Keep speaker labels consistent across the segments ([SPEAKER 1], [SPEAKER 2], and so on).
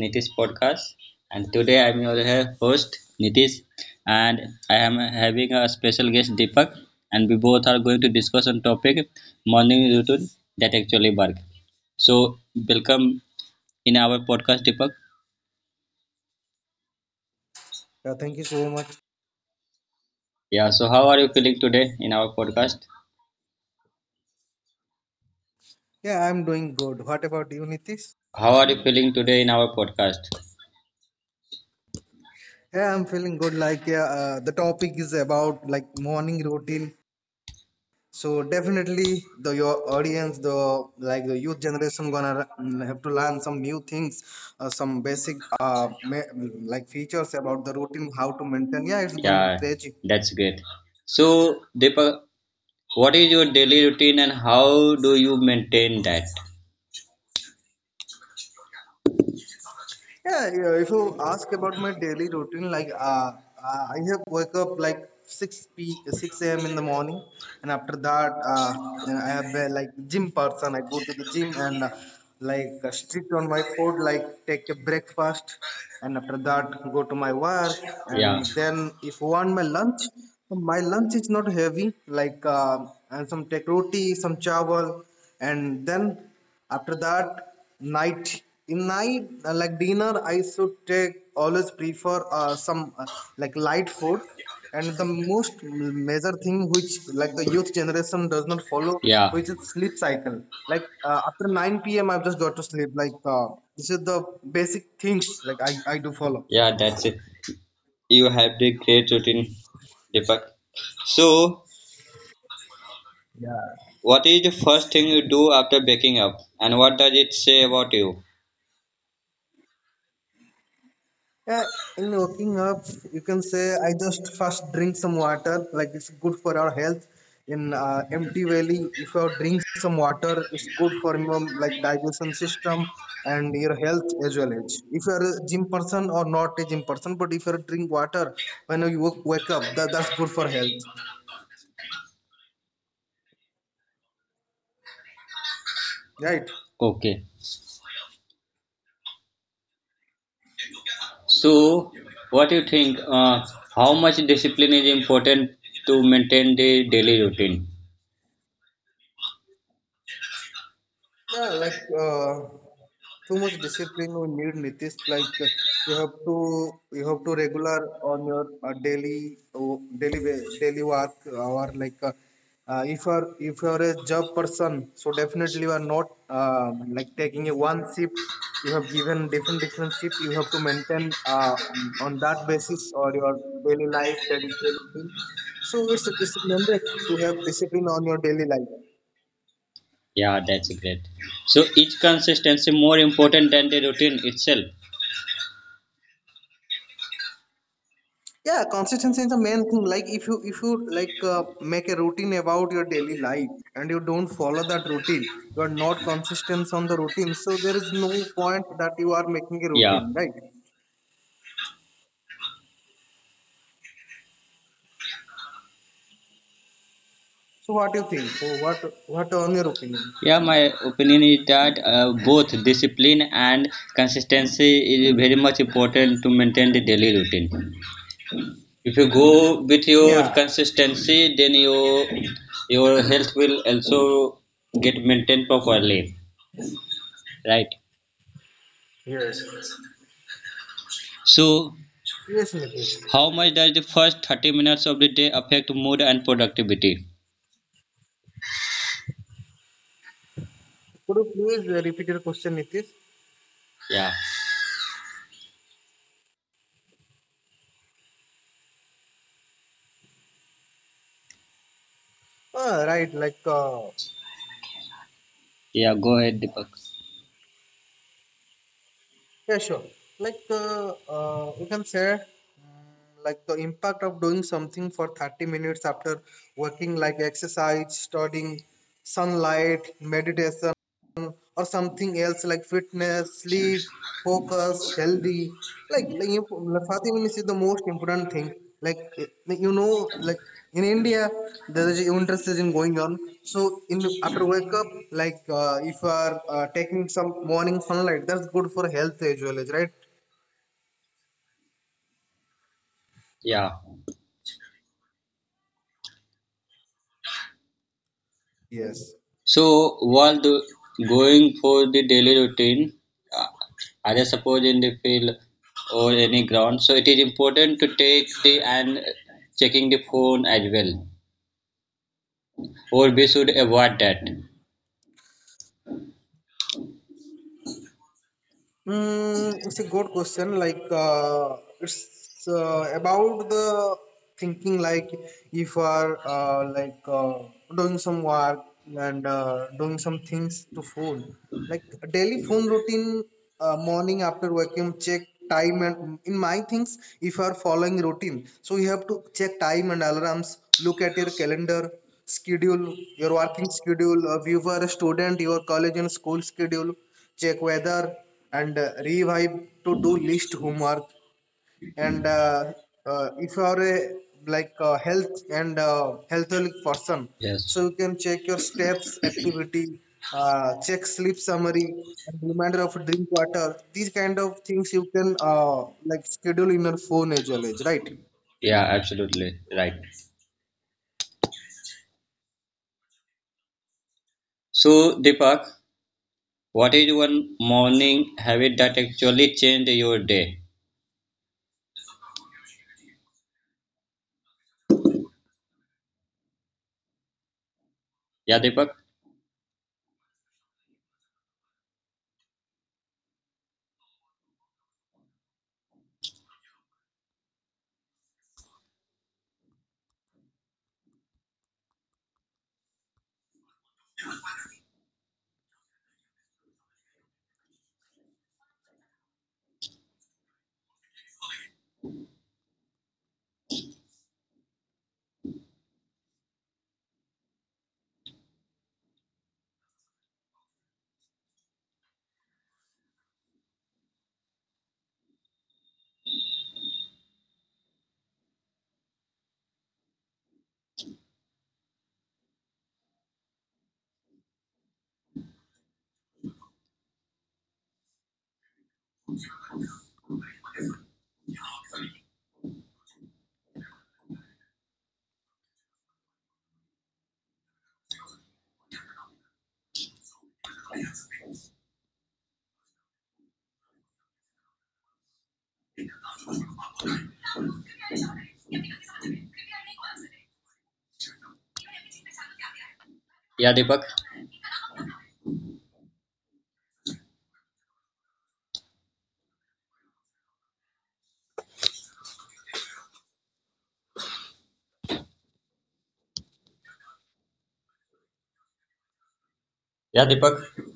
[SPEAKER 1] Nitish Podcast. And today I'm your host, Nitish, and I am having a special guest, Deepak, and we both are going to discuss on topic morning routine that actually work. So welcome in our podcast, Deepak.
[SPEAKER 2] Yeah, thank you so much.
[SPEAKER 1] Yeah. So how are you feeling today in our podcast?
[SPEAKER 2] Yeah, I'm doing good. What about you, Nitish?
[SPEAKER 1] How are you feeling today in our podcast?
[SPEAKER 2] Yeah, I'm feeling good. Like, yeah, the topic is about like morning routine. So definitely, the your audience, the youth generation, gonna have to learn some new things, some basic like features about the routine, how to maintain. Yeah, it's going
[SPEAKER 1] Yeah,
[SPEAKER 2] crazy.
[SPEAKER 1] that's great. So Deepak, what is your daily routine and how do you maintain that?
[SPEAKER 2] Yeah, yeah. If you ask about my daily routine, like I have wake up like 6 a.m. in the morning, and after that, and I have been like gym person. I go to the gym and like stretch on my food, like take a breakfast, and after that go to my work.
[SPEAKER 1] Yeah,
[SPEAKER 2] And then if I want my lunch is not heavy, like and some take roti, some chawal. And then after that night in night, like dinner, I should take, always prefer some like light food. And the most major thing which like the youth generation does not follow,
[SPEAKER 1] yeah,
[SPEAKER 2] which is sleep cycle, like after 9 p.m. I have just got to sleep. Like this is the basic things like I do follow.
[SPEAKER 1] yeah, that's it. You have the great routine, Deepak. So,
[SPEAKER 2] Yeah.
[SPEAKER 1] what is the first thing you do after waking up, and what does it say about you?
[SPEAKER 2] Yeah, in waking up, you can say I just first drink some water, like it's good for our health. In empty valley, if you drink some water, it's good for your like digestion system and your health as well as. If you are a gym person or not a gym person, but if you drink water when you wake up, that's good for health, right?
[SPEAKER 1] Okay. So, what do you think? How much discipline is important to maintain the daily routine?
[SPEAKER 2] Yeah, like too much discipline we need, Nitish. Like you have to regular on your daily work, or like if you are a job person, so definitely you are not like taking a one shift. You have given different different shift. You have to maintain on that basis or your daily life, that is daily discipline. So it's mandate to have discipline on your daily life.
[SPEAKER 1] Yeah, that's great. So, is consistency more important than the routine itself?
[SPEAKER 2] Yeah, consistency is the main thing. Like if you like make a routine about your daily life and you don't follow that routine, you are not consistent on the routine, so there is no point that you are making a
[SPEAKER 1] Yeah.
[SPEAKER 2] routine, right? So what do you think? Oh, what on your opinion?
[SPEAKER 1] Yeah, my opinion is that both discipline and consistency is very much important to maintain the daily routine. If you go with your
[SPEAKER 2] Yeah,
[SPEAKER 1] consistency, then your health will also get maintained properly, right?
[SPEAKER 2] yes.
[SPEAKER 1] So,
[SPEAKER 2] Yes, Nitish,
[SPEAKER 1] how much does the first 30 minutes of the day affect mood and productivity?
[SPEAKER 2] could you please repeat your question, Nitish?
[SPEAKER 1] Yeah,
[SPEAKER 2] Ah, right, like
[SPEAKER 1] yeah. Go ahead, Deepak.
[SPEAKER 2] Yeah, sure. Like you can say, like the impact of doing something for 30 minutes after working, like exercise, studying, sunlight, meditation, or something else like fitness, sleep, focus, healthy, like, you, like Fatima is the most important thing, like like, like in India there is interest in going on. So in after wake up, like if you are taking some morning sunlight, that's good for health as well as, right?
[SPEAKER 1] Yeah.
[SPEAKER 2] Yes.
[SPEAKER 1] So while going for the daily routine, uh, either suppose in the field or any ground, so it is important to take the and checking the phone as well, or we should avoid that.
[SPEAKER 2] It's a good question. Like it's about the thinking. Like if you are like doing some work and doing some things to phone. Like daily phone routine. Morning after vacuum check time, and in my things if you are following routine. So you have to check time and alarms. Look at your calendar schedule, your working schedule. If you are a student, your college and school schedule. Check weather and revive to do list homework, and if you are a like a health and healthily person, so
[SPEAKER 1] Yes,
[SPEAKER 2] you can check your steps activity, check sleep summary and reminder of drink water, these kind of things you can like schedule in your phone as well as, right?
[SPEAKER 1] yeah, absolutely right. So Deepak, what is one morning habit that actually changed your day? Yeah, Deepak. Yeah, Deepak. Yeah, Deepak.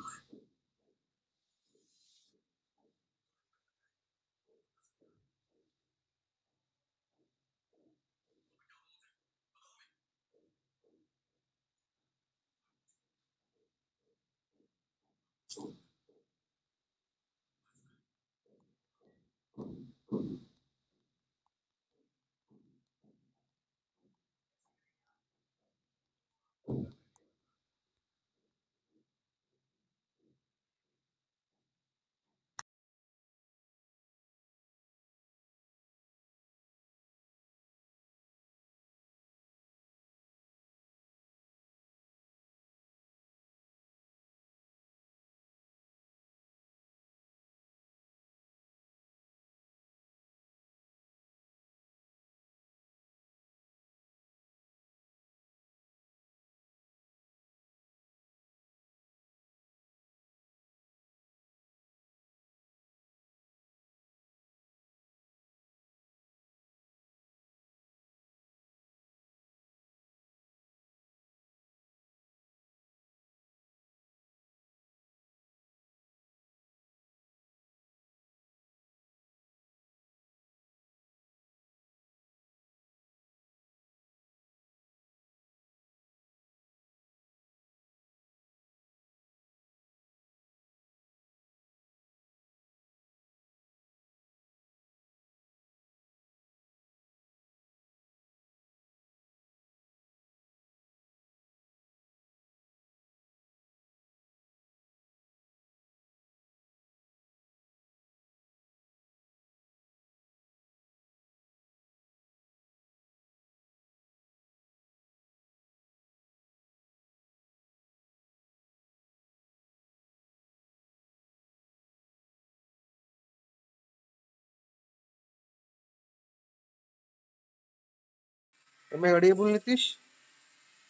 [SPEAKER 2] Am I audible, Nitish?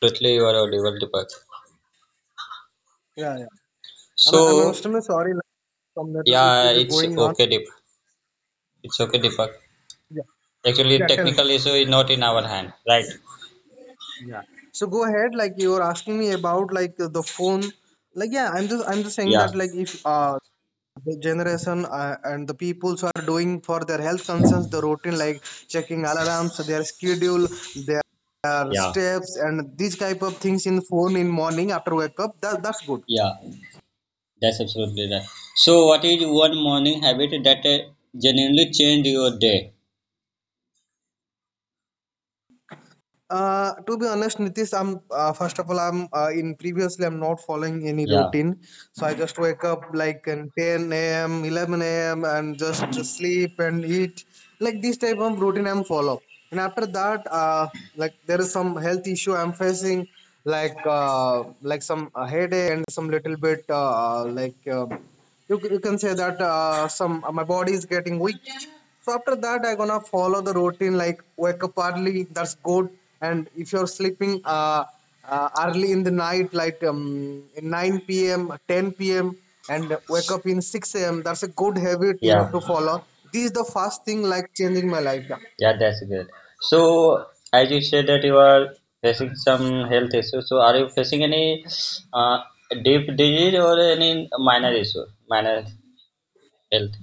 [SPEAKER 1] Absolutely, you are audible, Deepak.
[SPEAKER 2] Yeah, yeah. I'm
[SPEAKER 1] So
[SPEAKER 2] extremely sorry. Like, some network
[SPEAKER 1] yeah,
[SPEAKER 2] issues are
[SPEAKER 1] it's
[SPEAKER 2] going on.
[SPEAKER 1] okay, Deepak. It's okay, Deepak.
[SPEAKER 2] Yeah,
[SPEAKER 1] Actually,
[SPEAKER 2] yeah. Tell me.
[SPEAKER 1] technical issue is not in our hand, right?
[SPEAKER 2] So go ahead. Like you were asking me about like the phone. Like, yeah, I'm just saying
[SPEAKER 1] Yeah,
[SPEAKER 2] that, like if the generation and the peoples are doing for their health concerns, the routine like checking alarms, their schedule, their
[SPEAKER 1] yeah,
[SPEAKER 2] steps, and these type of things in phone in morning after wake up. That's good.
[SPEAKER 1] yeah. That's absolutely right. So, what is one morning habit that genuinely changed your day?
[SPEAKER 2] To be honest, Nitish, I'm first of all, I'm in previously I'm not following any
[SPEAKER 1] Yeah,
[SPEAKER 2] routine, so I just wake up like in 10 a.m., 11 a.m., and just sleep and eat, like this type of routine I'm follow. And after that, like there is some health issue I'm facing, like some headache and some little bit like you can say that some my body is getting weak. So after that I gonna follow the routine, like wake up early, that's good. And if you're sleeping early in the night, like in 9 p.m. 10 p.m. and wake up in 6 a.m., that's a good habit you
[SPEAKER 1] yeah,
[SPEAKER 2] have to follow. This is the first thing, like changing my life. Yeah.
[SPEAKER 1] yeah. That's good. So, as you said that you are facing some health issues, so are you facing any uh, deep disease or any minor issue, minor health?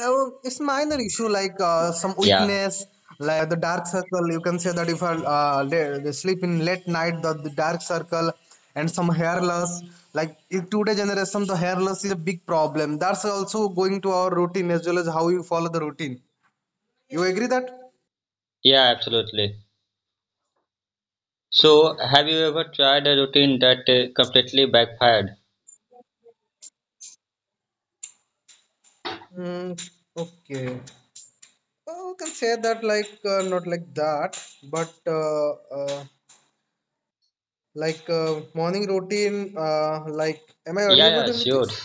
[SPEAKER 2] Oh, it's minor issue, like some
[SPEAKER 1] Yeah,
[SPEAKER 2] weakness, like the dark circle. You can say that if I they sleep in late night, the dark circle and some hair loss. Like in today generation, the hair loss a big problem. That's also going to our routine as well as how you follow the routine. You agree that?
[SPEAKER 1] yeah, absolutely. So, have you ever tried a routine that completely backfired?
[SPEAKER 2] Mm, okay. Oh, you can say that like not like that, but like morning routine. Like, am I
[SPEAKER 1] Yeah,
[SPEAKER 2] audible
[SPEAKER 1] yeah,
[SPEAKER 2] to
[SPEAKER 1] sure.
[SPEAKER 2] Nitish?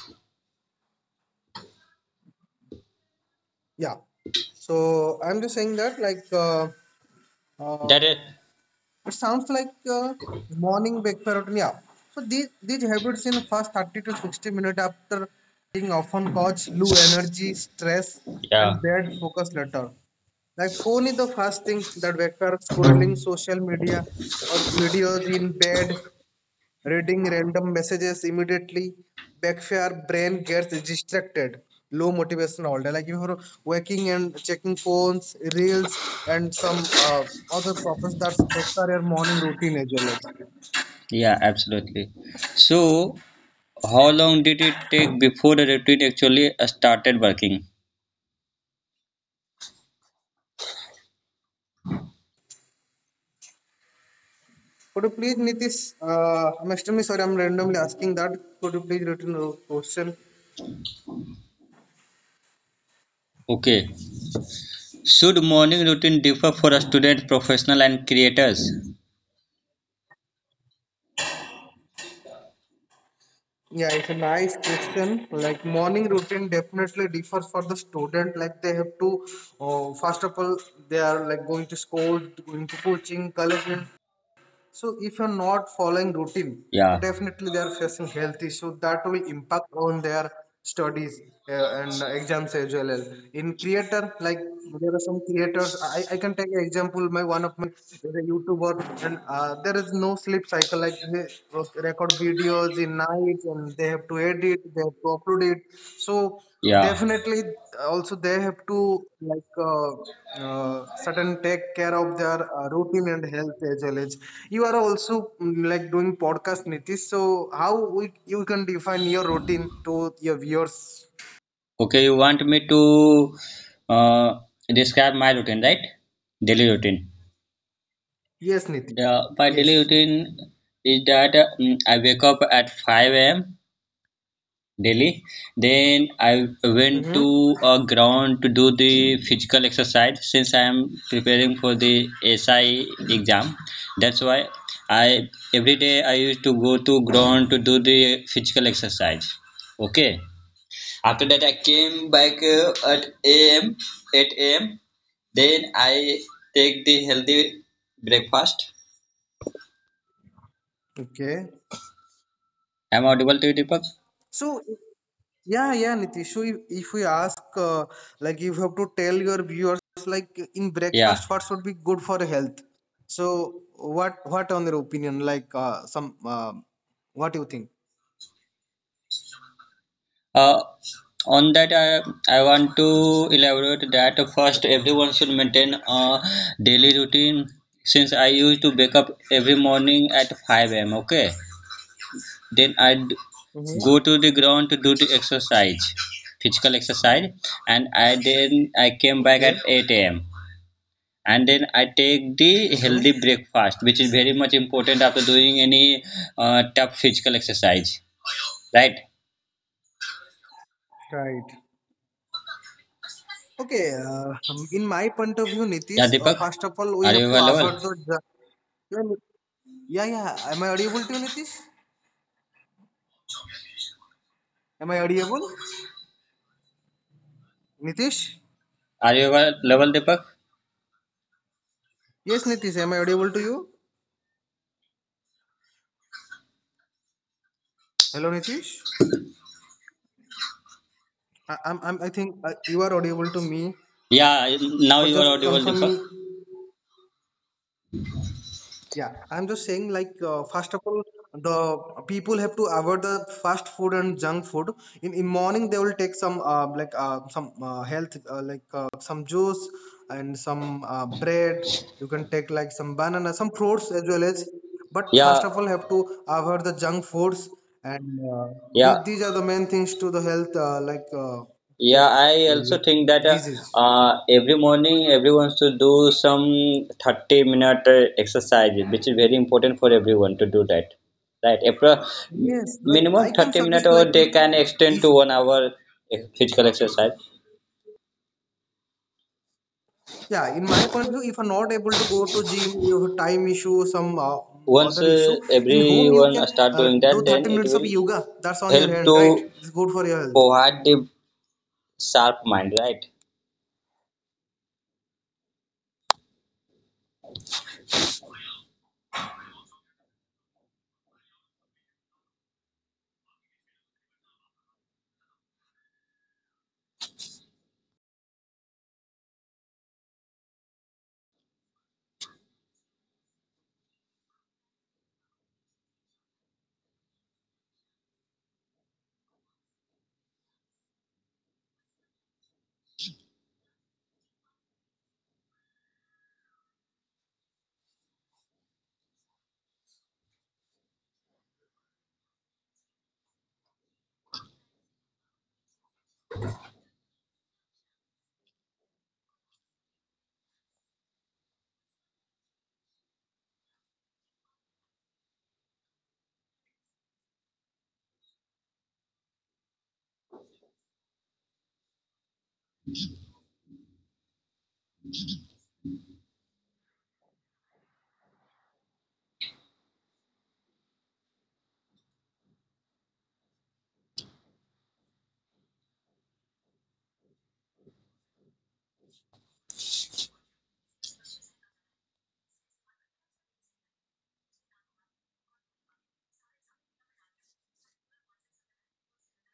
[SPEAKER 2] Yeah. So I'm just saying that, like uh,
[SPEAKER 1] That is,
[SPEAKER 2] it sounds like morning bake pattern. Yeah. So these habits in first 30 to 60 minutes after often cause low energy, stress,
[SPEAKER 1] yeah,
[SPEAKER 2] and bad focus later. Like phone is the first thing that wakers scrolling social media or videos in bed, reading random messages immediately backfire, brain gets distracted. Low motivation all day. Like if you're working and checking phones, reels, and some other purpose, that's your morning routine as well.
[SPEAKER 1] yeah, absolutely. So, how long did it take before the routine actually started working?
[SPEAKER 2] Could you please, Nitish? I'm extremely sorry. I'm randomly asking that. Could you please return the question?
[SPEAKER 1] Okay. Should morning routine differ for a student, professional, and creators?
[SPEAKER 2] Yeah, it's a nice question. Like morning routine definitely differs for the student. Like they have to, first of all, they are like going to school, going to coaching, college, and so if you're not following routine, so
[SPEAKER 1] Yeah,
[SPEAKER 2] definitely they are facing health issues that will impact on their studies and exams as well. In creator, like there are some creators. I can take an example. My one of is a YouTuber, and there is no sleep cycle. Like they record videos in night, and they have to edit, they have to upload it. So
[SPEAKER 1] yeah.
[SPEAKER 2] definitely, also they have to like certain take care of their routine and health as well, as you are also like doing podcast, Nitish. So how we, you can define your routine to your viewers?
[SPEAKER 1] Okay, you want me to uh, describe my routine, right? Daily routine.
[SPEAKER 2] Yes, Nitish.
[SPEAKER 1] Yeah, my
[SPEAKER 2] Yes.
[SPEAKER 1] daily routine is that I wake up at 5 a.m. daily. Then I went to
[SPEAKER 2] Mm-hmm.
[SPEAKER 1] a ground to do the physical exercise since I am preparing for the SI exam. That's why I every day I used to go to ground to do the physical exercise. Okay. After that I came back at AM 8 AM. Then I take the healthy breakfast.
[SPEAKER 2] Okay.
[SPEAKER 1] Am I audible to you, Deepak?
[SPEAKER 2] So yeah, yeah, Nitish. So if we ask, like, if you have to tell your viewers, like, in
[SPEAKER 1] Yeah.
[SPEAKER 2] breakfast, what should be good for health? So what on your opinion, like, some, what do you think?
[SPEAKER 1] Uh, on that, I want to elaborate that first, everyone should maintain a daily routine. Since I used to wake up every morning at 5 a.m., okay? Then I'd
[SPEAKER 2] Mm-hmm.
[SPEAKER 1] go to the ground to do the exercise, physical exercise, and I then I came back at
[SPEAKER 2] Okay.
[SPEAKER 1] 8 a.m. And then I take the
[SPEAKER 2] Mm-hmm.
[SPEAKER 1] healthy breakfast, which is very much important after doing any tough physical exercise, right?
[SPEAKER 2] Right. Okay, in my point of view,
[SPEAKER 1] Yeah,
[SPEAKER 2] Nitish,
[SPEAKER 1] Deepak,
[SPEAKER 2] first of all, we
[SPEAKER 1] are you
[SPEAKER 2] have to
[SPEAKER 1] available?
[SPEAKER 2] avoid the. Yeah, yeah, yeah. Am I audible to you, Nitish? Am I audible? Nitish?
[SPEAKER 1] Are you level Deepak?
[SPEAKER 2] Yes, Nitish, am I audible to you? Hello, Nitish? I think you are audible to me,
[SPEAKER 1] Yeah, now
[SPEAKER 2] but
[SPEAKER 1] you are
[SPEAKER 2] just
[SPEAKER 1] audible
[SPEAKER 2] confirm
[SPEAKER 1] Deepak.
[SPEAKER 2] me. Yeah, I'm just saying, like, first of all, the people have to avoid the fast food and junk food. In morning, they will take some like some health like some juice and some bread. You can take like some banana, some fruits as well as. But first
[SPEAKER 1] Yeah,
[SPEAKER 2] of all, have to avoid the junk foods, and
[SPEAKER 1] yeah,
[SPEAKER 2] these are the main things to the health like get
[SPEAKER 1] yeah. I also
[SPEAKER 2] like
[SPEAKER 1] think that
[SPEAKER 2] disease.
[SPEAKER 1] every morning everyone should do some 30 minute exercise, which is very important for everyone to do that. Right,
[SPEAKER 2] Yes, like I
[SPEAKER 1] minimum
[SPEAKER 2] can
[SPEAKER 1] 30 minute
[SPEAKER 2] suggest, like
[SPEAKER 1] or they
[SPEAKER 2] if,
[SPEAKER 1] can extend to
[SPEAKER 2] if
[SPEAKER 1] 1 hour physical exercise.
[SPEAKER 2] yeah, in my point of view, if you're not able to go to gym, you have time issue, some
[SPEAKER 1] Once
[SPEAKER 2] other issue, in home you can
[SPEAKER 1] everyone start doing
[SPEAKER 2] do
[SPEAKER 1] that,
[SPEAKER 2] 30
[SPEAKER 1] then it
[SPEAKER 2] minutes of
[SPEAKER 1] will
[SPEAKER 2] yoga. That's on your
[SPEAKER 1] help
[SPEAKER 2] hand, right?
[SPEAKER 1] to
[SPEAKER 2] It's good for your health.
[SPEAKER 1] provide the sharp mind, right?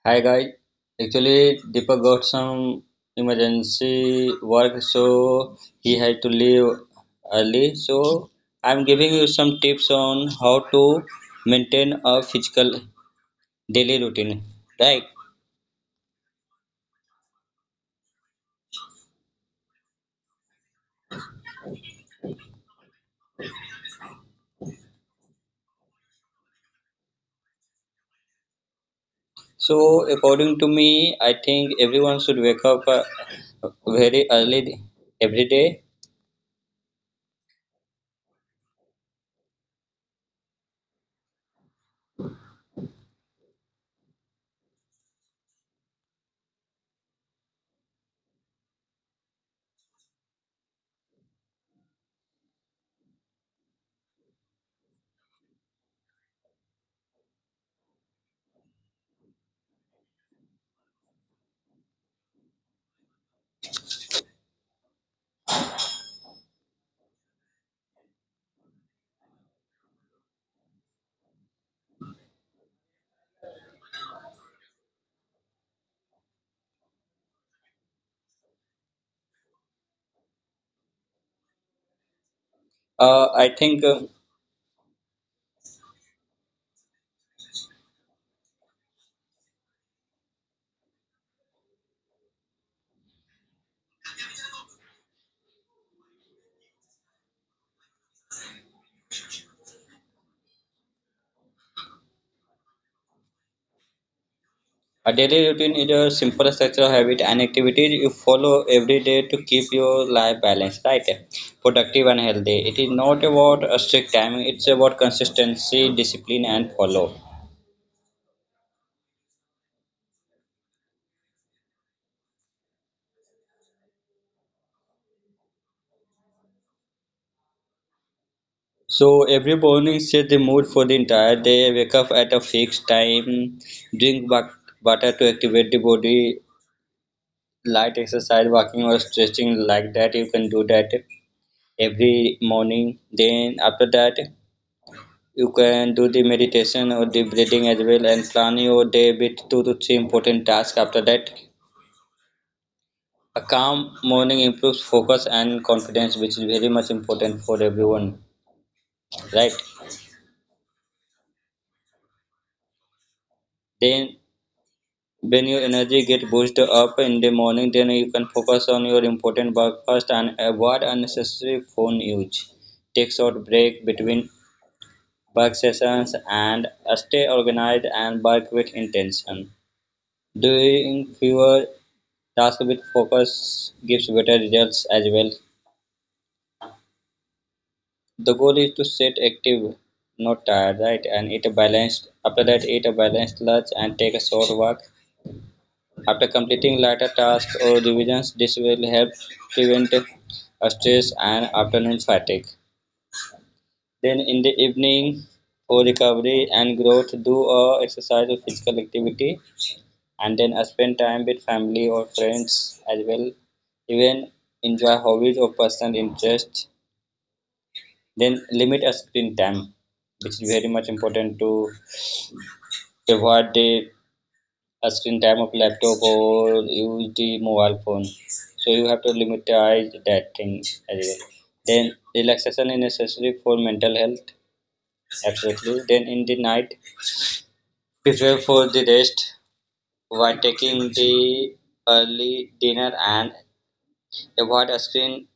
[SPEAKER 1] Hi guys, actually Deepak got some emergency work, so he had to leave early. So I'm giving you some tips on how to maintain a physical daily routine, right? So according to me, I think everyone should wake up very early every day. I think. A daily routine is a simple structure of habit and activities you follow every day to keep your life balanced, right? Productive and healthy. It is not about a strict timing, it's about consistency, discipline, and follow. So every morning set the mood for the entire day, wake up at a fixed time, drink water to activate the body, light exercise, walking or stretching like that. You can do that every morning. Then after that you can do the meditation or the breathing as well and plan your day with two to three important tasks. After that, a calm morning improves focus and confidence, which is very much important for everyone, right? Then, when your energy get boosted up in the morning, then you can focus on your important work first and avoid unnecessary phone use. Take short break between work sessions and stay organized and work with intention. Doing fewer tasks with focus gives better results as well. The goal is to set active, not tired, right? And eat a balanced. After that, eat a balanced lunch and take a short walk. After completing lighter tasks or revisions, this will help prevent stress and afternoon fatigue. Then in the evening, for recovery and growth, do a exercise or physical activity, and then spend time with family or friends as well. Even enjoy hobbies or personal interest. Then limit a screen time, which is very much important to avoid the a screen time of laptop or use the mobile phone. So you have to limitize that thing as well. Then relaxation is necessary for mental health. Absolutely. Then in the night, prepare for the rest while taking the early dinner and avoid a screen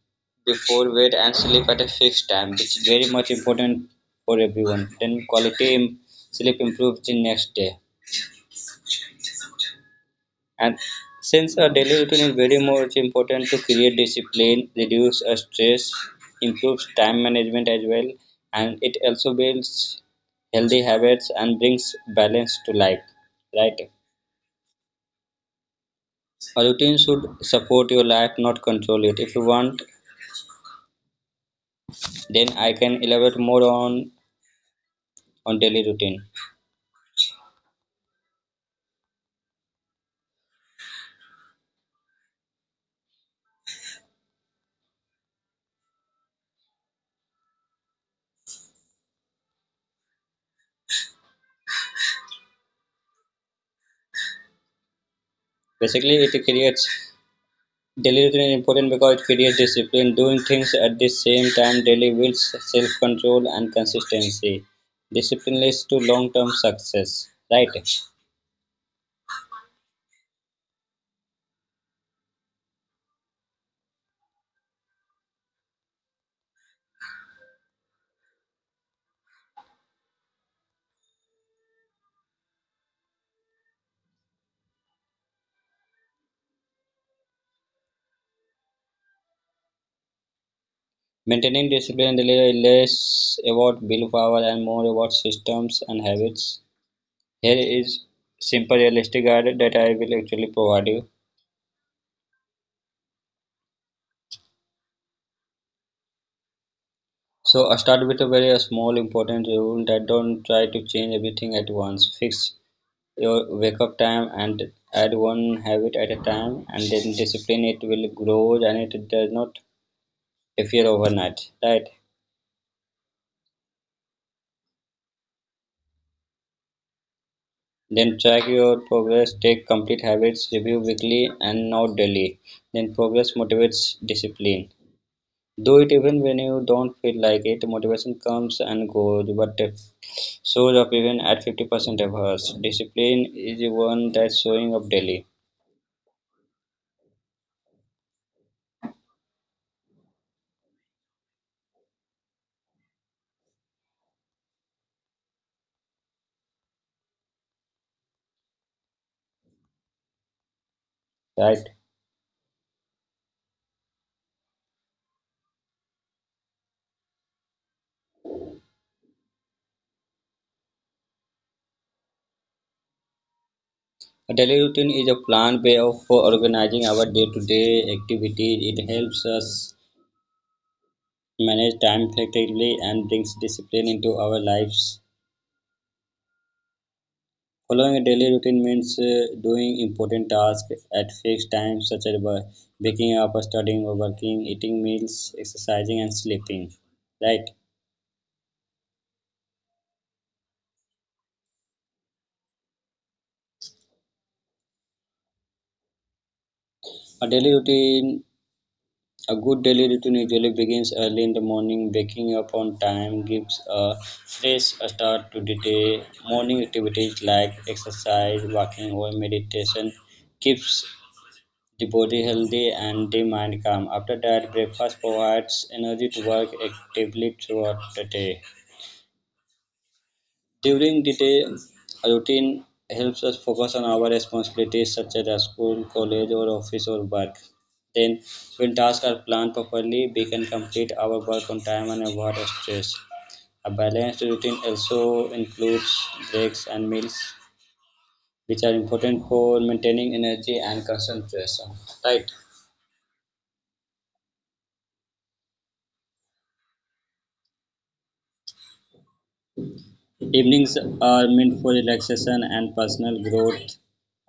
[SPEAKER 1] before bed and sleep at a fixed time, which is very much important for everyone. Then quality sleep improves the next day. And since a daily routine is very much important to create discipline, reduce stress, improves time management as well, and it also builds healthy habits and brings balance to life. Right? A routine should support your life, not control it. If you want, then I can elaborate more on daily routine. Basically, it creates daily routine is important because it creates discipline. Doing things at the same time daily builds self-control and consistency. Discipline leads to long-term success. Right. Maintaining discipline daily is less about willpower and more about systems and habits. Here is simple realistic guide that I will actually provide you. So I start with a very small important rule that don't try to change everything at once. Fix your wake up time and add one habit at a time, and then discipline it will grow, and it does not appear overnight, right? Then track your progress, take complete habits review weekly and not daily. Then progress motivates discipline. Do it even when you don't feel like it. Motivation comes and goes, but shows up even at 50% of us. Discipline is the one that's showing up daily, right? A daily routine is a planned way of organizing our day-to-day activities. It helps us manage time effectively and brings discipline into our lives. Following a daily routine means doing important tasks at fixed times, such as waking up, studying, working, eating meals, exercising, and sleeping. Right? A daily routine A good daily routine usually begins early in the morning. Waking up on time gives a fresh start to the day. Morning activities like exercise, walking, or meditation keeps the body healthy and the mind calm. After that, breakfast provides energy to work actively throughout the day. During the day, a routine helps us focus on our responsibilities such as our school, college, or office or work. Then, when tasks are planned properly, we can complete our work on time and avoid stress. A balanced routine also includes breaks and meals, which are important for maintaining energy and concentration. Right. Evenings are meant for relaxation and personal growth.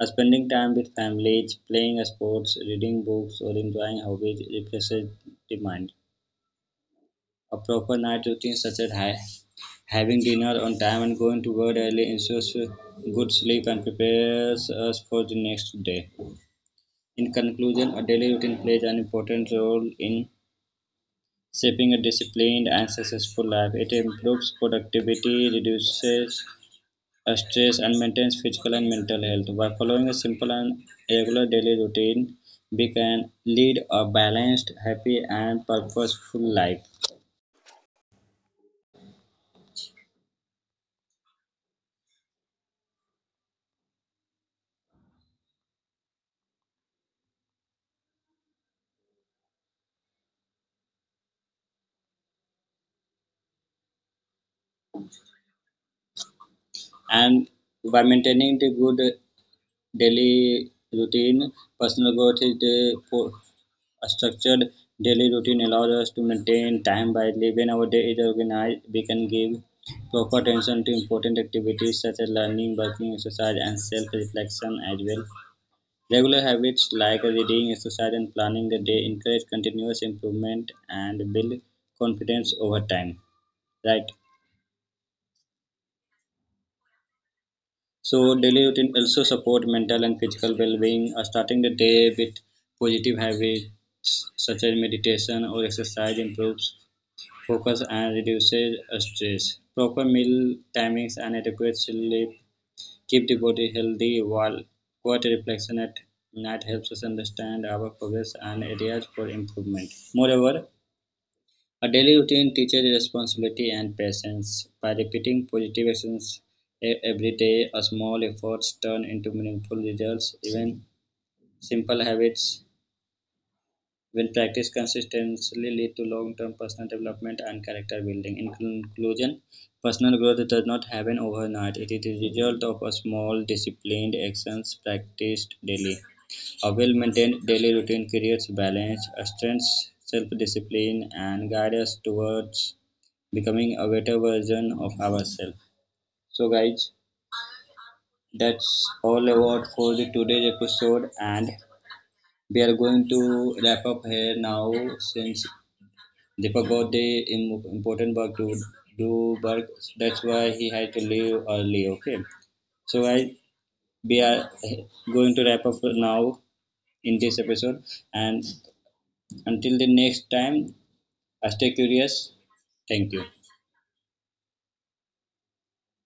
[SPEAKER 1] Spending time with families, playing sports, reading books, or enjoying hobbies refreshes the mind. A proper night routine, such as having dinner on time and going to bed early, ensures good sleep and prepares us for the next day. In conclusion, a daily routine plays an important role in shaping a disciplined and successful life. It improves productivity, reduces stress and maintains physical and mental health. By following a simple and regular daily routine, we can lead a balanced, happy, and purposeful life. And by maintaining the good daily routine, personal growth a structured daily routine allows us to maintain time by living our day is organized. We can give proper attention to important activities such as learning, working, exercise, and self-reflection as well. Regular habits like reading, exercise, and planning the day encourage continuous improvement and build confidence over time. Right. So daily routine also support mental and physical well-being. Starting the day with positive habits such as meditation or exercise improves focus and reduces stress. Proper meal timings and adequate sleep keep the body healthy while quote reflection at night helps us understand our progress and areas for improvement. Moreover, a daily routine teaches responsibility and patience. By repeating positive actions every day, a small efforts turn into meaningful results. Even simple habits will practice consistently lead to long-term personal development and character building. In conclusion, personal growth does not happen overnight. It is the result of a small, disciplined actions practiced daily. A well-maintained daily routine creates balance, strengths, self-discipline, and guides us towards becoming a better version of ourselves. So, guys, that's all about for the today's episode, and we are going to wrap up here now since Deepak got the important work to do, work. That's why he had to leave early. Okay, so I we are going to wrap up now in this episode, and until the next time, I stay curious. Thank you.